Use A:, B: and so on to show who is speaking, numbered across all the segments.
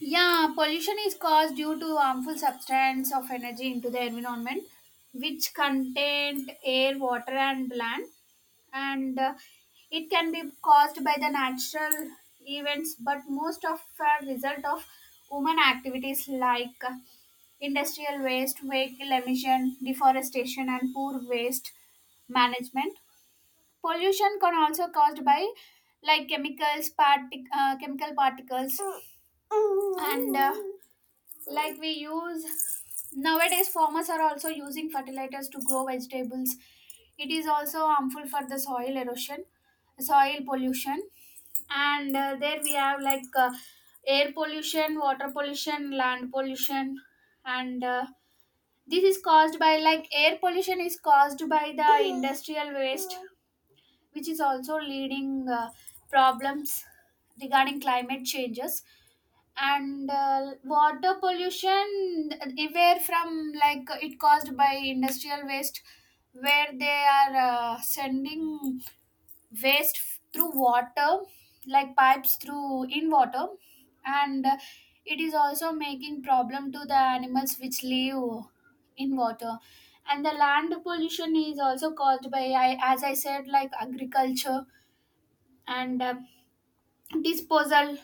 A: Yeah, pollution is caused due to harmful substance of energy into the environment, which contain air, water, and land, and it can be caused by the natural events, but most of a result of human activities like industrial waste, vehicle emission, deforestation, and poor waste management. Pollution can also caused by, like, chemicals, chemical particles, and like we use nowadays, farmers are also using fertilizers to grow vegetables, it is also harmful for the soil erosion, soil pollution, and there we have, like, air pollution, water pollution, land pollution, and this is caused by, like, air pollution is caused by the industrial waste, which is also leading problems regarding climate changes, and water pollution aware from, like, it caused by industrial waste where they are sending through water, like pipes through in water, and it is also making problem to the animals which live in water. And the land pollution is also caused by, as I said, like agriculture and disposal,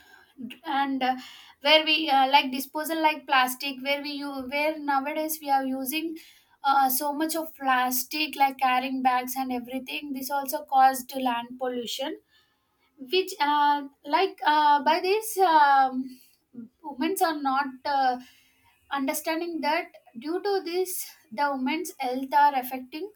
A: and where we, like disposal, like plastic, where nowadays we are using so much of plastic like carrying bags and everything, this also caused land pollution, which, by this, women are not understanding that due to this the women's health are affecting,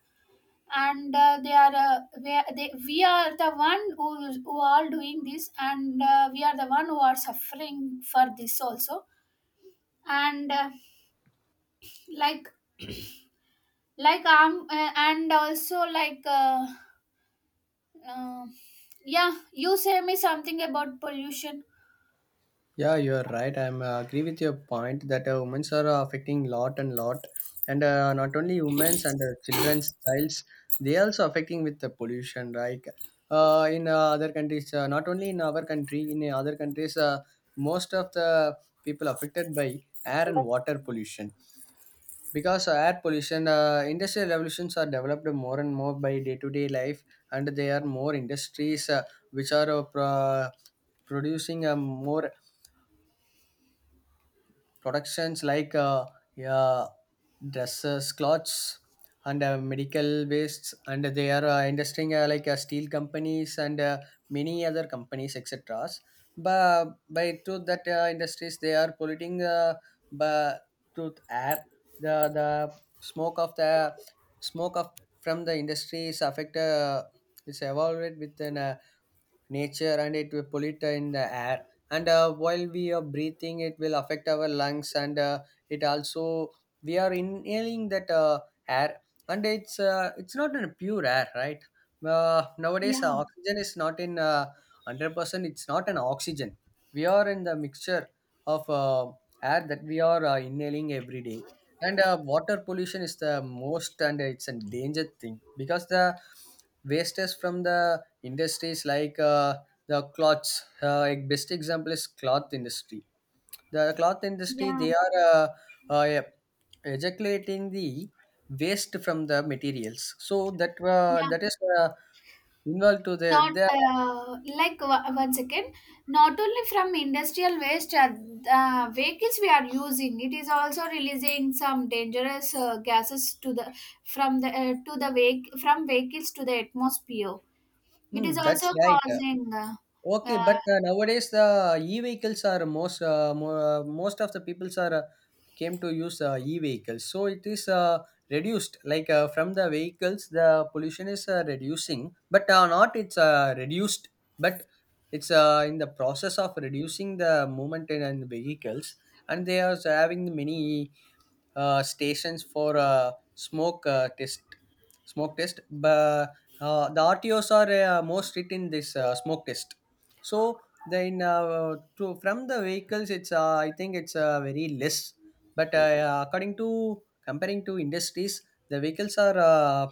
A: and they are we, they, we are the one who are doing this, and we are the one who are suffering for this also. And like and also, like, uh, yeah, you say me something about pollution.
B: Yeah, you're right. I'm agree with your point that women's are affecting lot and lot, and not only women's and children's childs, they also affecting with the pollution. Like in other countries, not only in our country, in other countries, most of the people affected by air and water pollution because air pollution, industrial revolutions are developed more and more by day to day life, and there are more industries, which are producing more productions like yeah, dresses, clothes, and medical wastes, and they are investing like steel companies and many other companies, etc. But by through that, industries, they are polluting by through air. The smoke of the smoke of from the industry is affected. It's evolved with an nature, and it will pollute in the air, and while we are breathing it will affect our lungs, and it also, we are inhaling that air, and it's not in pure air, right? Nowadays,
A: Yeah,
B: oxygen is not in, 100%, it's not an oxygen. We are in the mixture of air that we are inhaling every day. And water pollution is the most, and it's a danger thing because the wastes from the industries, like the cloths, a best example is cloth industry. The cloth industry,
A: yeah,
B: they are yeah, ejaculating the waste from the materials, so that
A: yeah.
B: that is involved to the,
A: not
B: the
A: like o- Once again, not only from industrial waste, vehicles we are using, it is also releasing some dangerous gases to the from the to the vehic from vehicles to the atmosphere, it is
B: Hmm, that's
A: also
B: right.
A: causing.
B: Okay, but
A: Uh,
B: nowadays the e-vehicles are most of the peoples are came to use e-vehicles. So it is reduced. Like from the vehicles, the pollution is reducing, but not it's reduced. But it's in the process of reducing the movement in the vehicles, and they are having many stations for smoke test, but the RTOs are more strict in this smoke test. So then from the vehicles it's I think it's very less, but according to, comparing to industries, the vehicles are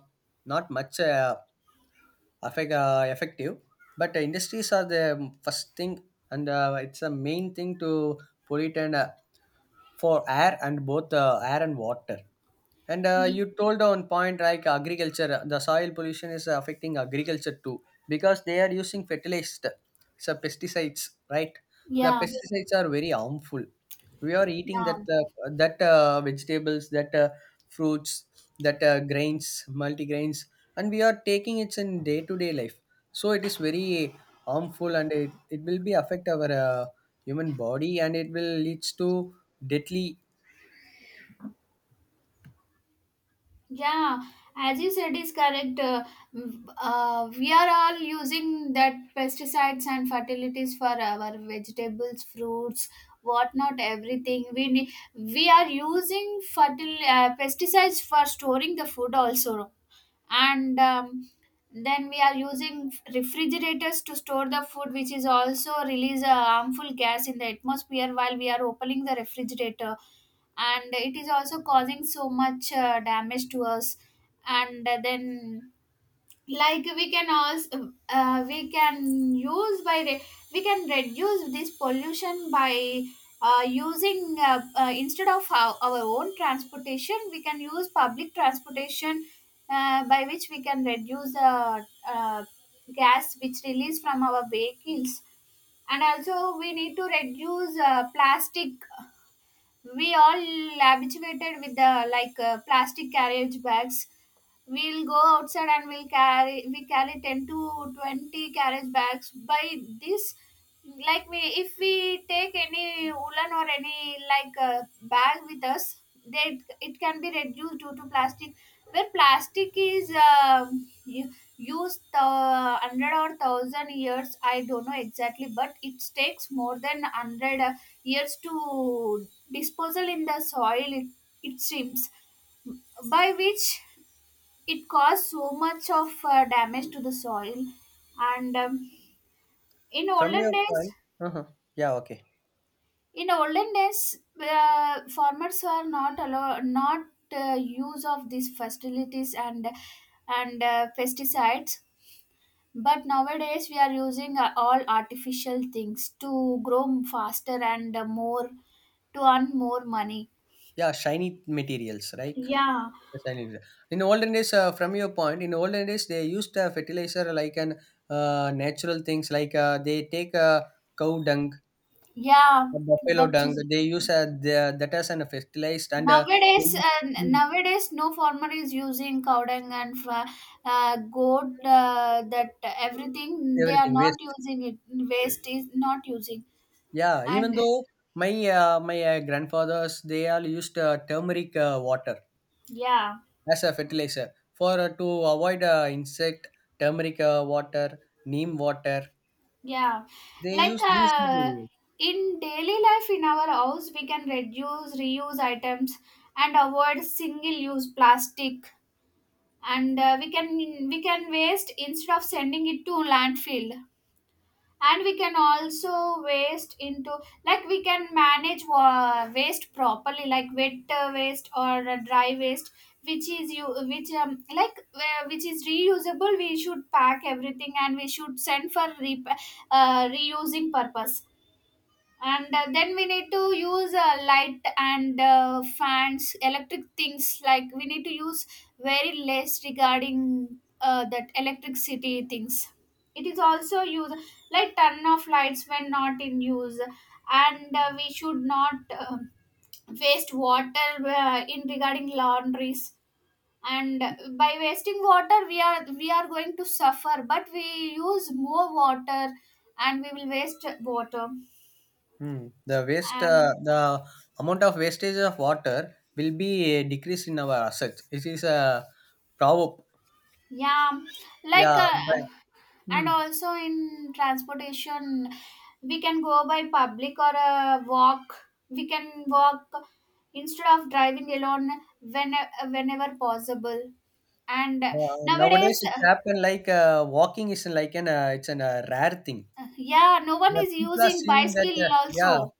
B: not much effective, but industries are the first thing, and it's a main thing to pollute, and for air and both air and water. And
A: y-
B: you told on point like agriculture, the soil pollution is affecting agriculture too, because they are using fertilized, so pesticides, right? The
A: yeah,
B: pesticides are very harmful. We are eating
A: yeah.
B: that vegetables, that fruits, that grains, multigrains, and we are taking it in day to day life. So it is very harmful, and it will be affect our human body, and it will leads to deadly.
A: Yeah, as you said is correct. We are all using that pesticides and fertilities for our vegetables, fruits, whatnot, everything. We are using fertil pesticides for storing the food also, and then we are using refrigerators to store the food, which is also release a harmful gas in the atmosphere while we are opening the refrigerator, and it is also causing so much damage to us. And then, like, we can also we can use by re- we can reduce this pollution by using, instead of our own transportation, we can use public transportation, by which we can reduce the gas which release from our vehicles. And also we need to reduce plastic. We all habituated with the, like, plastic carriage bags. We'll go outside and we carry 10 to 20 carriage bags by this. Like, we if we take any woolen or any, like, bag with us, that it can be reduced due to plastic. Where plastic is, u- used 100 or 1000 years, I don't know exactly, but it takes more than 100 years to disposal in the soil, it seems, by which it caused so much of damage to the soil. And in
B: From
A: olden
B: your
A: days,
B: point, yeah, okay.
A: farmers were not use of these fertilities, and pesticides. But nowadays we are using, all artificial things to grow faster and more, to earn more money.
B: Yeah, shiny materials, right?
A: Yeah,
B: The shiny material. In olden days, from your point, in olden days they used fertilizer like an natural things, like they take cow dung,
A: yeah.
B: or buffalo
A: that
B: dung.
A: is
B: They use that as a fertilized, and they
A: Nowadays,
B: use
A: no farmer is using cow dung and, goat. That everything they are
B: everything
A: not
B: waste.
A: using it. Waste is not using.
B: Yeah, even
A: And
B: though my my grandfathers, they all used turmeric water
A: yeah,
B: as a fertilizer for to avoid insect, turmeric water, neem water.
A: yeah,
B: They
A: like,
B: use these materials.
A: in daily life in our house, we can reduce, reuse items, and avoid single-use plastic. And we can waste instead of sending it to landfill. And we can also waste into, like, we can manage waste properly, like wet waste or dry waste, which is you which like which is reusable. We should pack everything and we should send for reusing purpose. And then we need to use light and fans, electric things, like we need to use very less regarding that electricity things, it is also used, like turn off lights when not in use. And we should not waste water in regarding laundries. And by wasting water, we are going to suffer but we use more water and we will waste water.
B: Hmm. The waste,
A: And
B: the amount of wastage of water will be decreased in our assets. It is a proverb.
A: yeah, like,
B: Yeah, but hmm.
A: and also in transportation, we can go by public or, walk, we can walk instead of driving alone, whenever possible. And
B: Nowadays
A: nowadays,
B: it's happened like walking is like an it's an rare thing.
A: yeah, no one
B: The
A: is
B: people are
A: using
B: seeing that.
A: bicycle
B: Yeah,
A: also.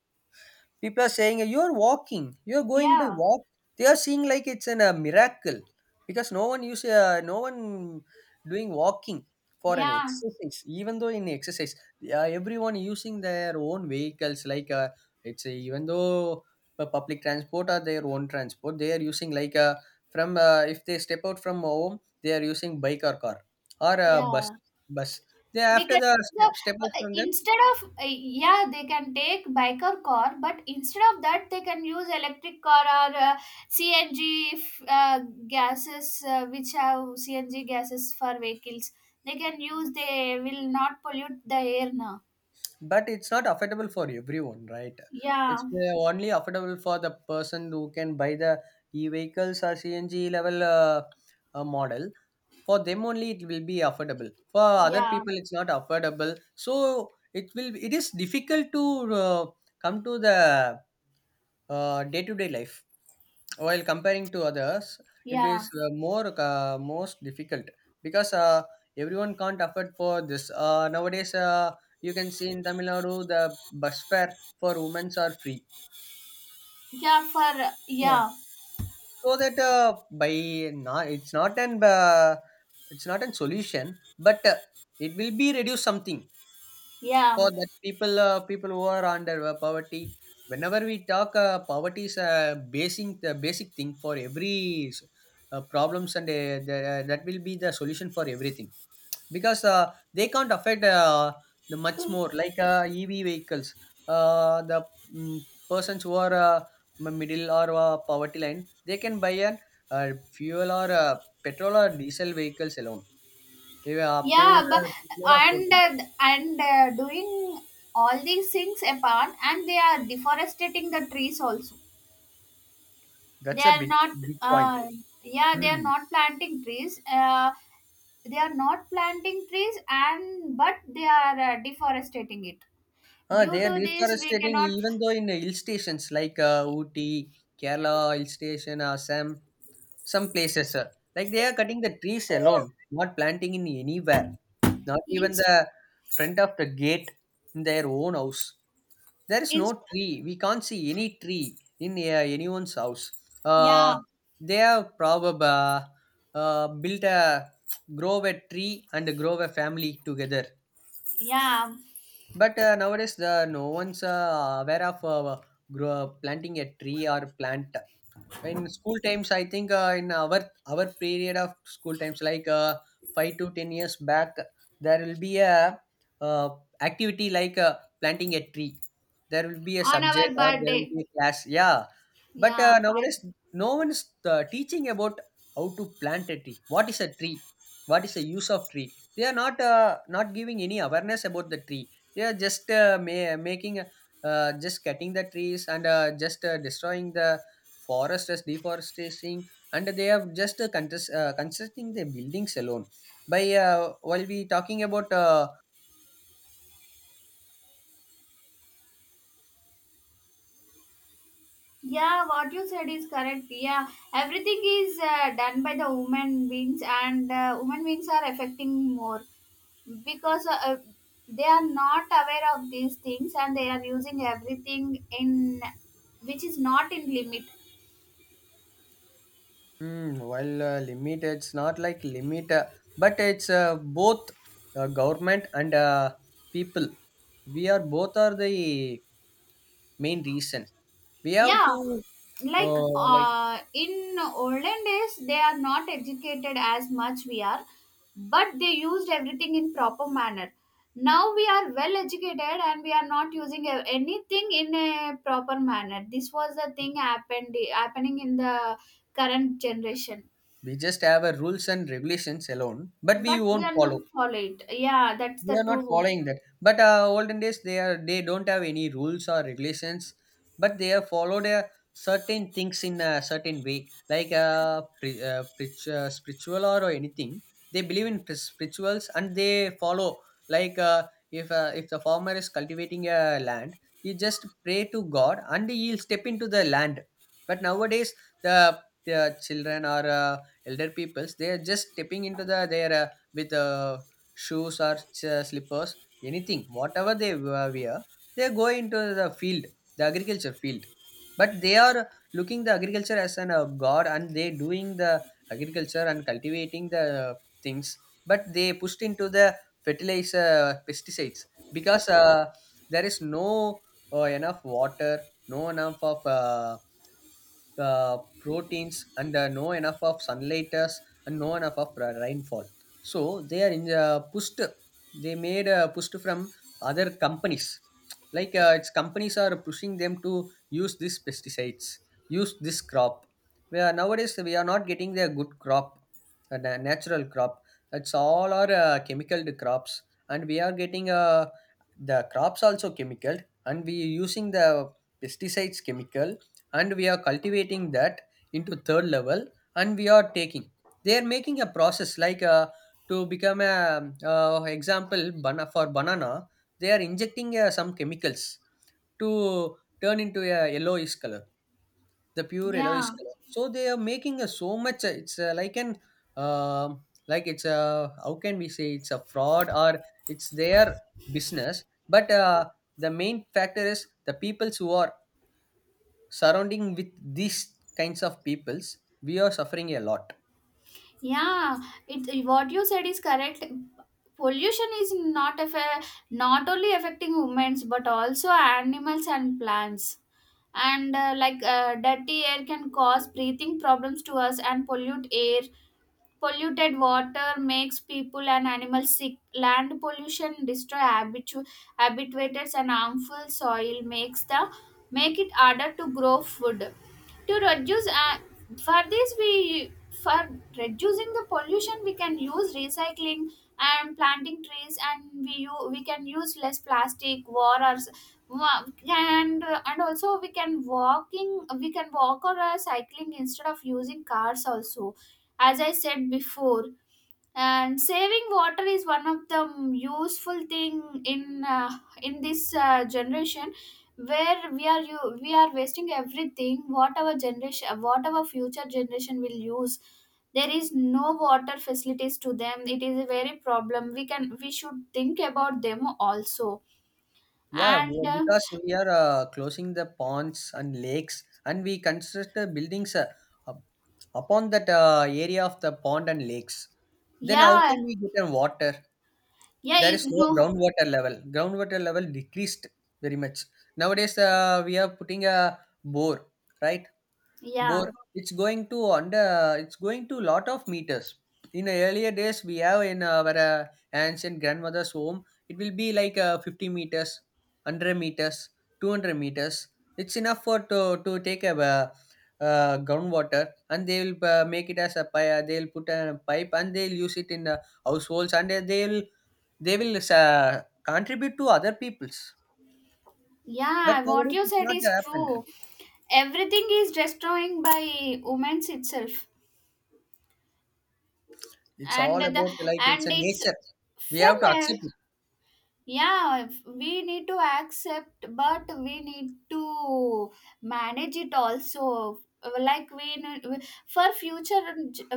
B: people are saying, "You're walking, you're going by
A: Yeah,
B: walk." They are seeing like it's a miracle, because no one doing walking for an
A: yeah,
B: exercise. Even though in exercise, they everyone using their own vehicles, like it's a, even though the public transport or their own transport, they are using like from if they step out from home, they are using bike or car or bus.
A: yeah.
B: Bus. They after
A: Because, so,
B: step out from them,
A: instead of, yeah, they can take bike or car, but instead of that they can use electric car or, cng f- uh, gases, which have CNG gases for vehicles, they can use, they will not pollute the air now.
B: but it's not affordable for everyone, right?
A: Yeah,
B: It's only affordable for the person who can buy the e-vehicles or CNG level, model. For them only it will be affordable, for other
A: yeah,
B: people it's not affordable, so it is difficult to come to the day-to-day life, while comparing to others it is
A: yeah,
B: more most difficult, because everyone can't afford for this. Nowadays, you can see in Tamil Nadu the bus fare for women are free.
A: yeah for,
B: Yeah.
A: yeah,
B: So that by not it's not an it's not a solution, but it will be reduce something for
A: yeah,
B: that people who are under poverty. Whenever we talk, poverty is a basic the basic thing for every problems, and that will be the solution for everything, because they can't affect the much more like ev vehicles, uh, the mm, persons who are middle or poverty line, they can buy an uh, fuel or petrol or diesel vehicles alone, even up to
A: yeah, but.
B: the
A: and
B: four-wheeler.
A: uh, and uh, doing all these things apart, and they are deforestating the trees also. They
B: That's a
A: are
B: big
A: not
B: big point.
A: uh, yeah, they are
B: Hmm.
A: not planting trees, and but they are deforestating it.
B: They
A: Due
B: are
A: to this, we
B: deforestating
A: cannot.
B: even though in hill stations like Ooty, Kerala hill station, Assam, some places. Like they are cutting the trees alone, not planting in anywhere, not even
A: Inst,
B: the front of the gate in their own house. There is
A: inst
B: no tree. We can't see any tree in anyone's house.
A: Yeah,
B: Uh, they have probably built a grow a tree and grow a family together.
A: yeah,
B: But nowadays, no one's aware of planting a tree or plant. In school times I think in our period of school times, like 5 to 10 years back, there will be a uh, activity like planting a tree. There will be a
A: on our
B: subject or there will
A: birthday.
B: be a class, yeah. But
A: yeah I,
B: nowadays, no one is teaching about how to plant a tree, what is a tree, what is the use of tree. They are not giving any awareness about the tree. They are just making, just cutting the trees, and just destroying the forest as deforestation, and they are just constructing their buildings alone. By While we talking about
A: yeah, what you said is correct. Yeah, everything is done by the human beings, and women beings are affecting more, because they are not aware of these things and they are using everything in which is not in limit.
B: mm, while limit, it's not like limit, but it's both government and people. We are both are the main reason. We have
A: Yeah,
B: to
A: like,
B: like,
A: in olden days, they are not educated as much we are, but they used everything in proper manner. Now we are well educated and we are not using anything in a proper manner. This was the thing happened happening in the current generation.
B: we just have a rules and regulations alone, but
A: But
B: we
A: we
B: won't
A: are
B: follow.
A: not follow it, yeah, that's
B: We
A: the
B: are not
A: true.
B: following that. But olden days, they don't have any rules or regulations, but they have followed certain things in a certain way, like spiritual, or anything. They believe in spirituals and they follow. Like if the farmer is cultivating a land, he just pray to God and he'll step into the land. But nowadays, the the children or elder peoples, they are just stepping into the their with shoes or slippers, anything, whatever they wear, they go into the field, the agriculture field. But they are looking the agriculture as an god, and they doing the agriculture and cultivating the things. But they pushed into the fertilizer pesticides because there is no enough water, no enough of uh, proteins and no enough of sunlight us and no enough of rainfall. So they are in pushed, they made pushed from other companies, like its companies are pushing them to use these pesticides, use this crop. We are nowadays, we are not getting the good crop, a natural crop. It's all our chemical crops, and we are getting the crops also chemical, and we using the pesticides chemical, and we are cultivating that into third level. And we are taking, they are making a process like to become a example for banana, they are injecting some chemicals to turn into a yellowish color, the pure yellowish
A: Yeah,
B: color. So they are making a so much it's like an um like it's a, how can we say, it's a fraud or it's their business. But the main factor is the peoples who are surrounding with these kinds of peoples, we are suffering a lot.
A: yeah. It what you said is correct. Pollution is not only affecting humans but also animals and plants. And like, dirty air can cause breathing problems to us and pollute air. Polluted water makes people and animals sick. Land pollution destroy habitats, and harmful soil makes the make it harder to grow food. To reduce for this we for reducing the pollution, we can use recycling and planting trees, and we can use less plastic, war or s- wa- and and also we can walking, we can walk or cycling instead of using cars also, as I said before. And saving water is one of the useful thing in, in this generation where we are wasting everything. What our generation, what our future generation will use? There is no water facilities to them. It is a very problem. We can we should think about them also.
B: Yeah, we
A: And
B: are, because we are closing the ponds and lakes and we construct the buildings up- upon that area of the pond and lakes. Then how
A: yeah,
B: can we get a water?
A: yeah,
B: There is no
A: no,
B: groundwater level, groundwater level decreased very much. Nowadays we are putting a bore, right?
A: yeah,
B: Bore, it's going to under, it's going to lot of meters. In the earlier days, we have in our aunts and grandmother's home, it will be like 50 meters, 100 meters, 200 meters. It's enough for to take a groundwater, and they will make it as a pipe, they will put a pipe, and they will use it in the households, and they will, they will contribute to other people's. But
A: yeah, what
B: nowadays
A: you
B: it's
A: said
B: not
A: is
B: happened.
A: true. Everything is destroying by women's itself.
B: It's all
A: And the
B: about like it's
A: and
B: a
A: it's
B: nature. We
A: from
B: have to
A: a
B: accept.
A: Yeah, we need to accept but we need to manage it also. Like, we need for future,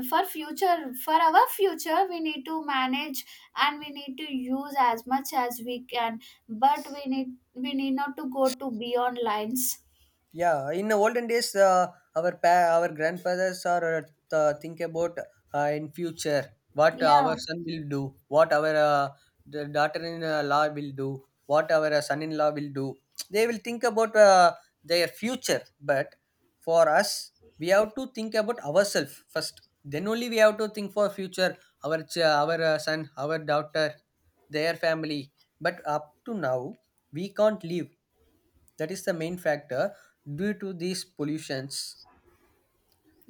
A: for our future we need to manage, and we need to use as much as we can, but we need not to go to beyond lines.
B: Yeah, in the olden days, our our grandfathers are think about in future what
A: Yeah,
B: our son will do, what our the daughter-in-law will do, what our son-in-law will do. They will think about their future, but for us, we have to think about ourselves first. Then only we have to think for future, our our son, our daughter, their family. But up to now, we can't live, that is the main factor, due to these pollutions.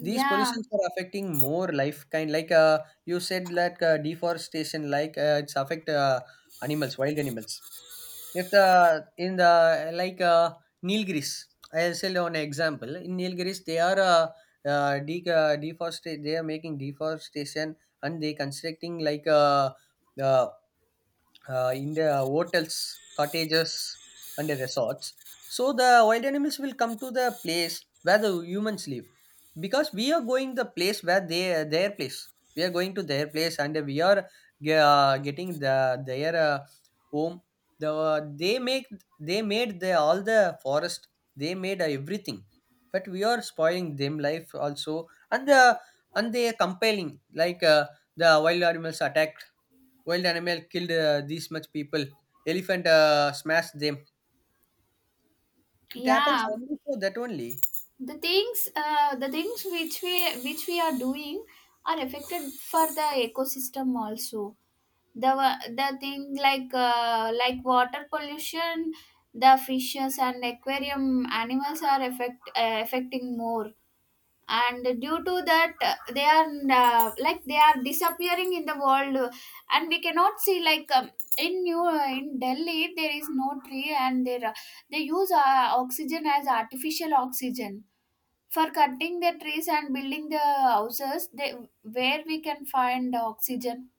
B: These pollutions are affecting more life kind like you said that deforestation, like it's affect animals, wild animals. If the in the like Nilgiris, I'll say an example, in Nilgiris they are deforestation, they are making deforestation, and they constructing like uh, in the hotels, cottages, and the resorts. So the wild animals will come to the place where the humans live, because we are going the place where they their place. We are going to their place, and we are getting the their home. The, they make, they made the all the forest. They made everything, but we are spoiling them life also. And the, and they are compelling like. The wild animals attack, wild animal killed these much people, elephant smashed them. It happens
A: yeah.
B: only for that only.
A: The things which we are doing are affected for the ecosystem also. The, the thing, like, like water pollution. The fishes and aquarium animals are affecting more, and due to that, they are, they are disappearing in the world. And we cannot see, like, in new in Delhi there is no tree, and they use oxygen as artificial oxygen. For cutting the trees and building the houses, where we can find oxygen.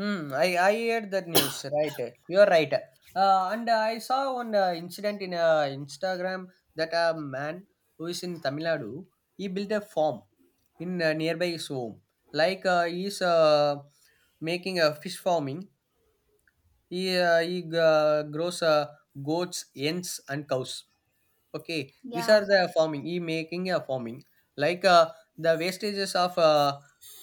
B: Hmm, I heard that news, right? You are right, and I saw one incident in Instagram, that a man who is in Tamil Nadu, he built a farm in nearby his home. Like he's making a fish farming. He he grows goats, hens and cows. Okay, these are
A: Yeah,
B: the farming, e-making a farming. Like the wastages of uh,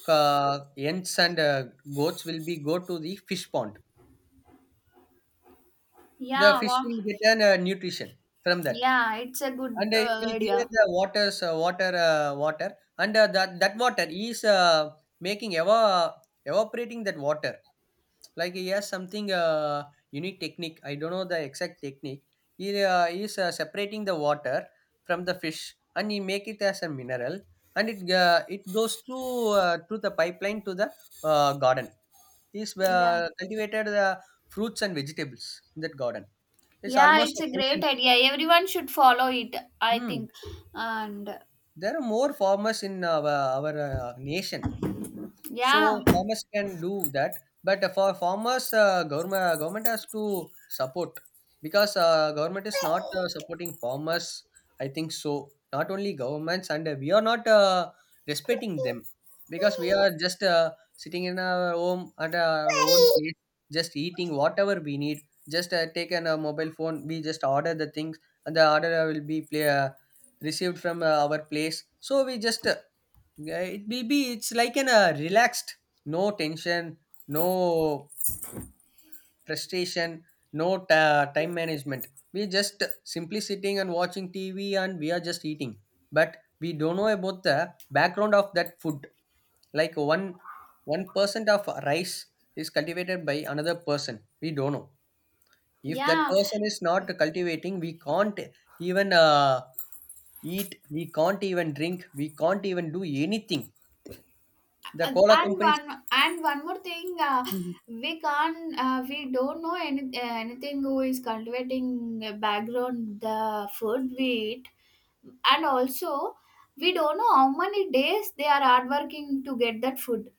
B: uh, ants and goats will be go to the fish pond. The
A: yeah,
B: fish
A: wow.
B: will get an nutrition from that,
A: Yeah. It's a
B: and
A: good
B: it will clear
A: idea.
B: the waters, water, and that that water is making evaporating that water. Like he has something unique technique, I don't know the exact technique. He is separating the water from the fish, and he make it as a mineral, and it it goes through through the pipeline to the garden. He's
A: Yeah,
B: cultivated the fruits and vegetables in that garden. It's
A: yeah.
B: almost
A: It's
B: a
A: a great
B: consent.
A: idea. Everyone should follow it. I
B: Hmm.
A: think. And
B: There are more farmers in our nation. So
A: yeah,
B: farmers can do that, but for farmers, government has to support, because government is not supporting farmers. I think so. Not only governments, and we are not respecting them, because we are just sitting in our home at our own place, just eating whatever we need. Just take a mobile phone, we just order the things, and the order will be play, received from our place. So we just yeah, it maybe it's like an relaxed, no tension, no frustration, no ta time management. We just simply sitting and watching TV and we are just eating. But we don't know about the background of that food. Like one percent of rice is cultivated by another person. We don't know. If that
A: yeah.
B: person is not cultivating, we can't even eat. We can't even drink. We can't even do anything. The
A: and
B: cola
A: and
B: companies.
A: one and one more thing, we don't know any, anything, who is cultivating a background, the food we eat. And also we don't know how many days they are hard working to get that food.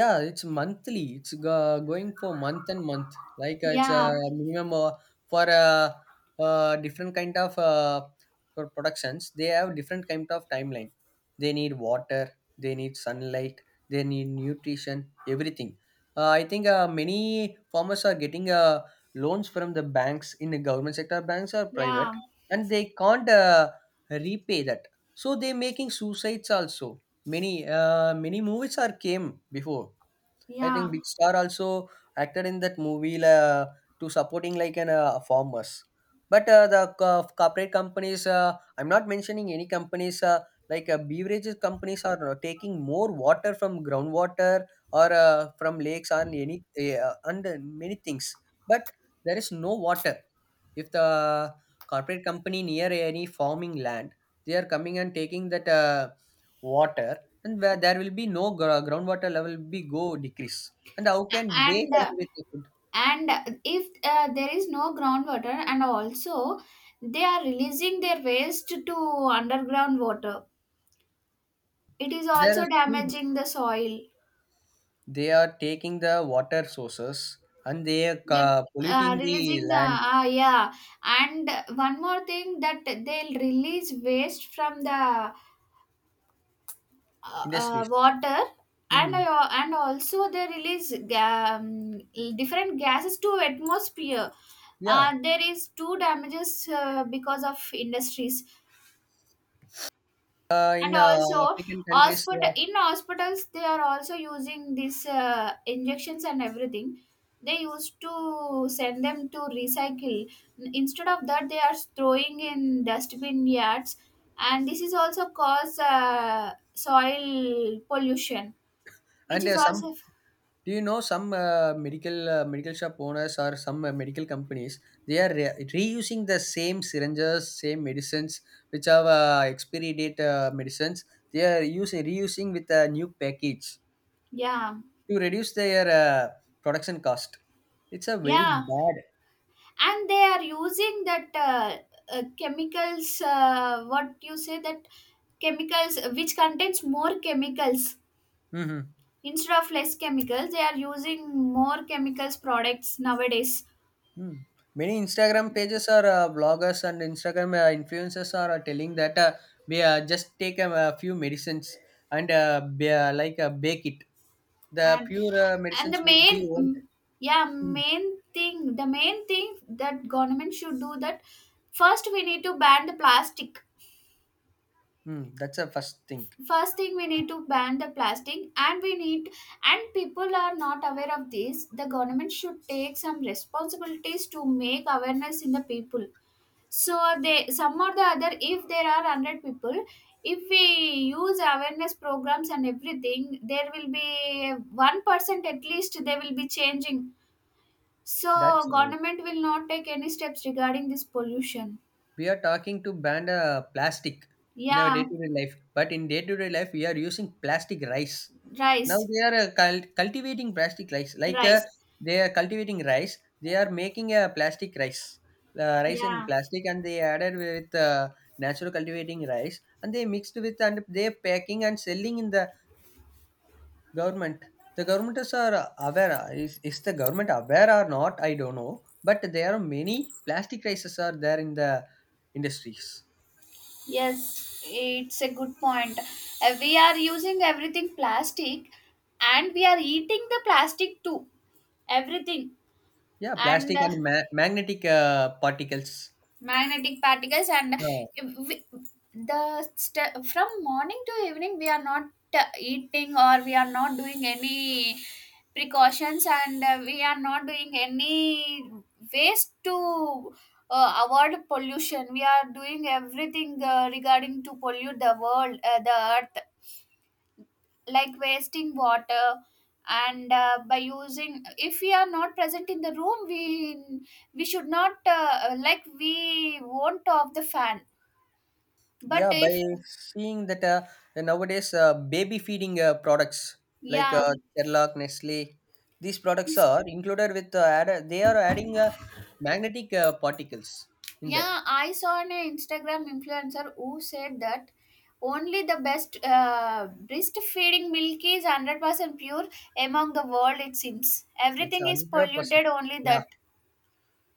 B: Yeah, it's monthly. It's going for month and month. Like it's a
A: Yeah,
B: minimum for different kind of productions. They have different kind of timeline. They need water. They need sunlight. They need nutrition. Everything. I think many farmers are getting loans from the banks in the government sector banks or private,
A: yeah,
B: and they can't repay that. So they're making suicides also. Many many movies are came before. I think
A: yeah.
B: Big Star also acted in that movie to supporting like an farmers. But corporate companies, I'm not mentioning any companies like beverages companies are taking more water from groundwater or from lakes and any and many things. But there is no water. If the corporate company near any farming land, they are coming and taking that water, and where there will be no groundwater level will be go decrease, and how can they
A: and uh,
B: cultivate the food?
A: and if there is no groundwater, and also they are releasing their waste to underground water, it is
B: There is
A: also
B: food.
A: damaging the soil.
B: They are taking the water sources, and they are
A: With,
B: polluting the
A: releasing the,
B: land,
A: ah, yeah. And one more thing, that they'll release waste from the,
B: industries.
A: water. And
B: Hmm.
A: also they release, different gases to atmosphere.
B: Yeah,
A: There is two damages because of industries. And
B: in
A: also,
B: African countries,
A: hospital in hospitals they are also using these injections and everything. They used to send them to recycle, instead of that they are throwing in dustbin yards. And this is also cause soil pollution, which
B: and
A: is
B: some.
A: also.
B: Do you know some medical shop owners or some medical companies? They are reusing the same syringes, same medicines, which have expiry date medicines. They are using reusing with a new package
A: Yeah,
B: to reduce their production cost. It's a very
A: yeah.
B: bad.
A: And they are using that, chemicals, what you say, that chemicals which contains more chemicals.
B: Mhm.
A: Instead of less chemicals, they are using more chemicals products nowadays.
B: Hmm. Many Instagram pages or bloggers and Instagram influencers are telling that we just take a few medicines and like bake it. The
A: and
B: pure
A: and
B: medicines
A: the
B: will be
A: main,
B: owned.
A: yeah,
B: Mm.
A: main thing that government should do, that first we need to ban the plastic.
B: Mm, that's a first thing.
A: First thing, we need to ban the plastic, and we need, and people are not aware of this, the government should take some responsibilities to make awareness in the people, so they, some or the other, if there are 100 people, if we use awareness programs and everything, there will be 1% at least they will be changing. So
B: That's right.
A: government will not take any steps regarding this pollution.
B: We are talking to ban plastic in our
A: Yeah.
B: day-to-day life, but in day-to-day life we are using plastic rice. Now
A: Rice,
B: they are cultivating plastic rice. Like
A: rice.
B: they are cultivating rice, they are making a plastic rice, rice in
A: Yeah,
B: plastic, and they added with natural cultivating rice, and they mixed with and they packing and selling in the government. The government is are aware. Is the government aware or not? I don't know. But there are many plastic crises are there in the industries.
A: yes, it's a good point. We are using everything plastic, and we are eating the plastic too, everything.
B: Yeah,
A: And
B: plastic and magnetic particles.
A: magnetic particles. And
B: Yeah.
A: we, from morning to evening, we are not eating or we are not doing any precautions, and we are not doing any ways to avoid pollution, we are doing everything, regarding to pollute the earth, like wasting water. And by using, if we are not present in the room, we should not, like, we won't off the fan, but
B: Yeah, by
A: if.
B: seeing that nowadays baby feeding products like
A: Yeah,
B: Cerelac, Nestle, these products
A: this
B: are included with they are adding magnetic particles in that.
A: yeah, I saw an Instagram influencer who said that only the best, breast feeding milk is 100% pure among the world, it seems.
B: It's
A: Everything is
B: 100%.
A: polluted, only
B: Yeah,
A: that.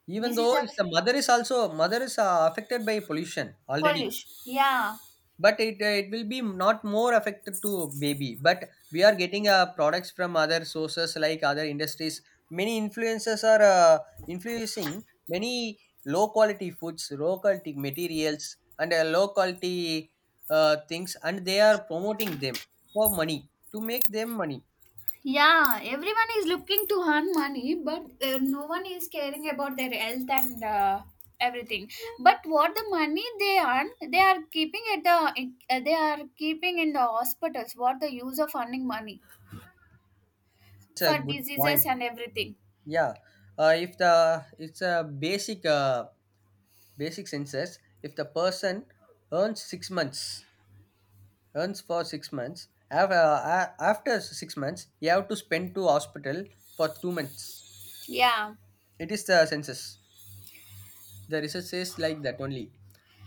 B: even
A: This is
B: though
A: a
B: if the mother is also mother is affected by pollution already,
A: pollution. Yeah.
B: but it it will be not more affected to baby. But we are getting products from other sources like other industries. Many influencers are influencing many low quality foods, low quality materials, and low quality things, and they are promoting them for money to make them money.
A: Yeah, everyone is looking to earn money, but no one is caring about their health and everything. But what the money they earn, they are keeping at they are keeping in the hospitals. What the use of earning money
B: It's a
A: for
B: good
A: diseases
B: point.
A: and everything?
B: Yeah, if the it's a basic. Basic senses, if the person earns 6 months, earns for 6 months after 6 months you have to spend to hospital for 2 months.
A: Yeah,
B: It is the census, the research says like that only.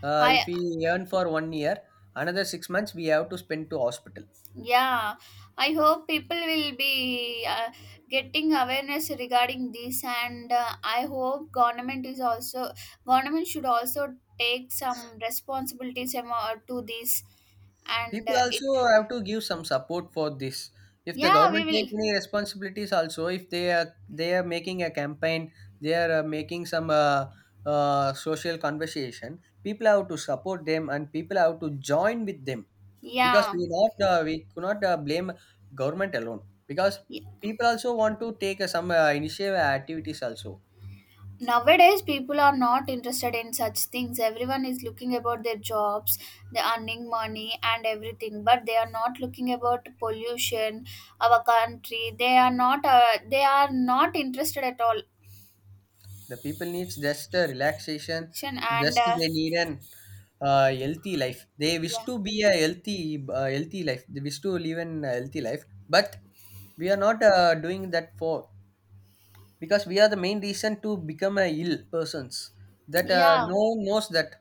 B: If
A: I
B: we earn for 1 year, another 6 months we have to spend to hospital.
A: yeah, I hope people will be getting awareness regarding this, and I hope, government should also take some responsibilities, to this, and
B: People
A: it,
B: also have to give some support for this. If the
A: yeah, we
B: government take
A: will,
B: any responsibilities also, if they are, they are making a campaign, they are making some social conversation, people have to support them, and people have to join with them. Because
A: yeah.
B: we not we could not blame government alone, because people also want to take some initiative activities also.
A: Nowadays people are not interested in such things, everyone is looking about their jobs, the earning money and everything, but they are not looking about pollution. Our country, they are not interested at all.
B: The people needs just a relaxation,
A: And
B: just they need an healthy life. They wish
A: yeah,
B: to be a healthy, healthy life. They wish to live in a healthy life, but we are not doing that for, because we are the main reason to become a ill persons. That
A: yeah.
B: no one knows that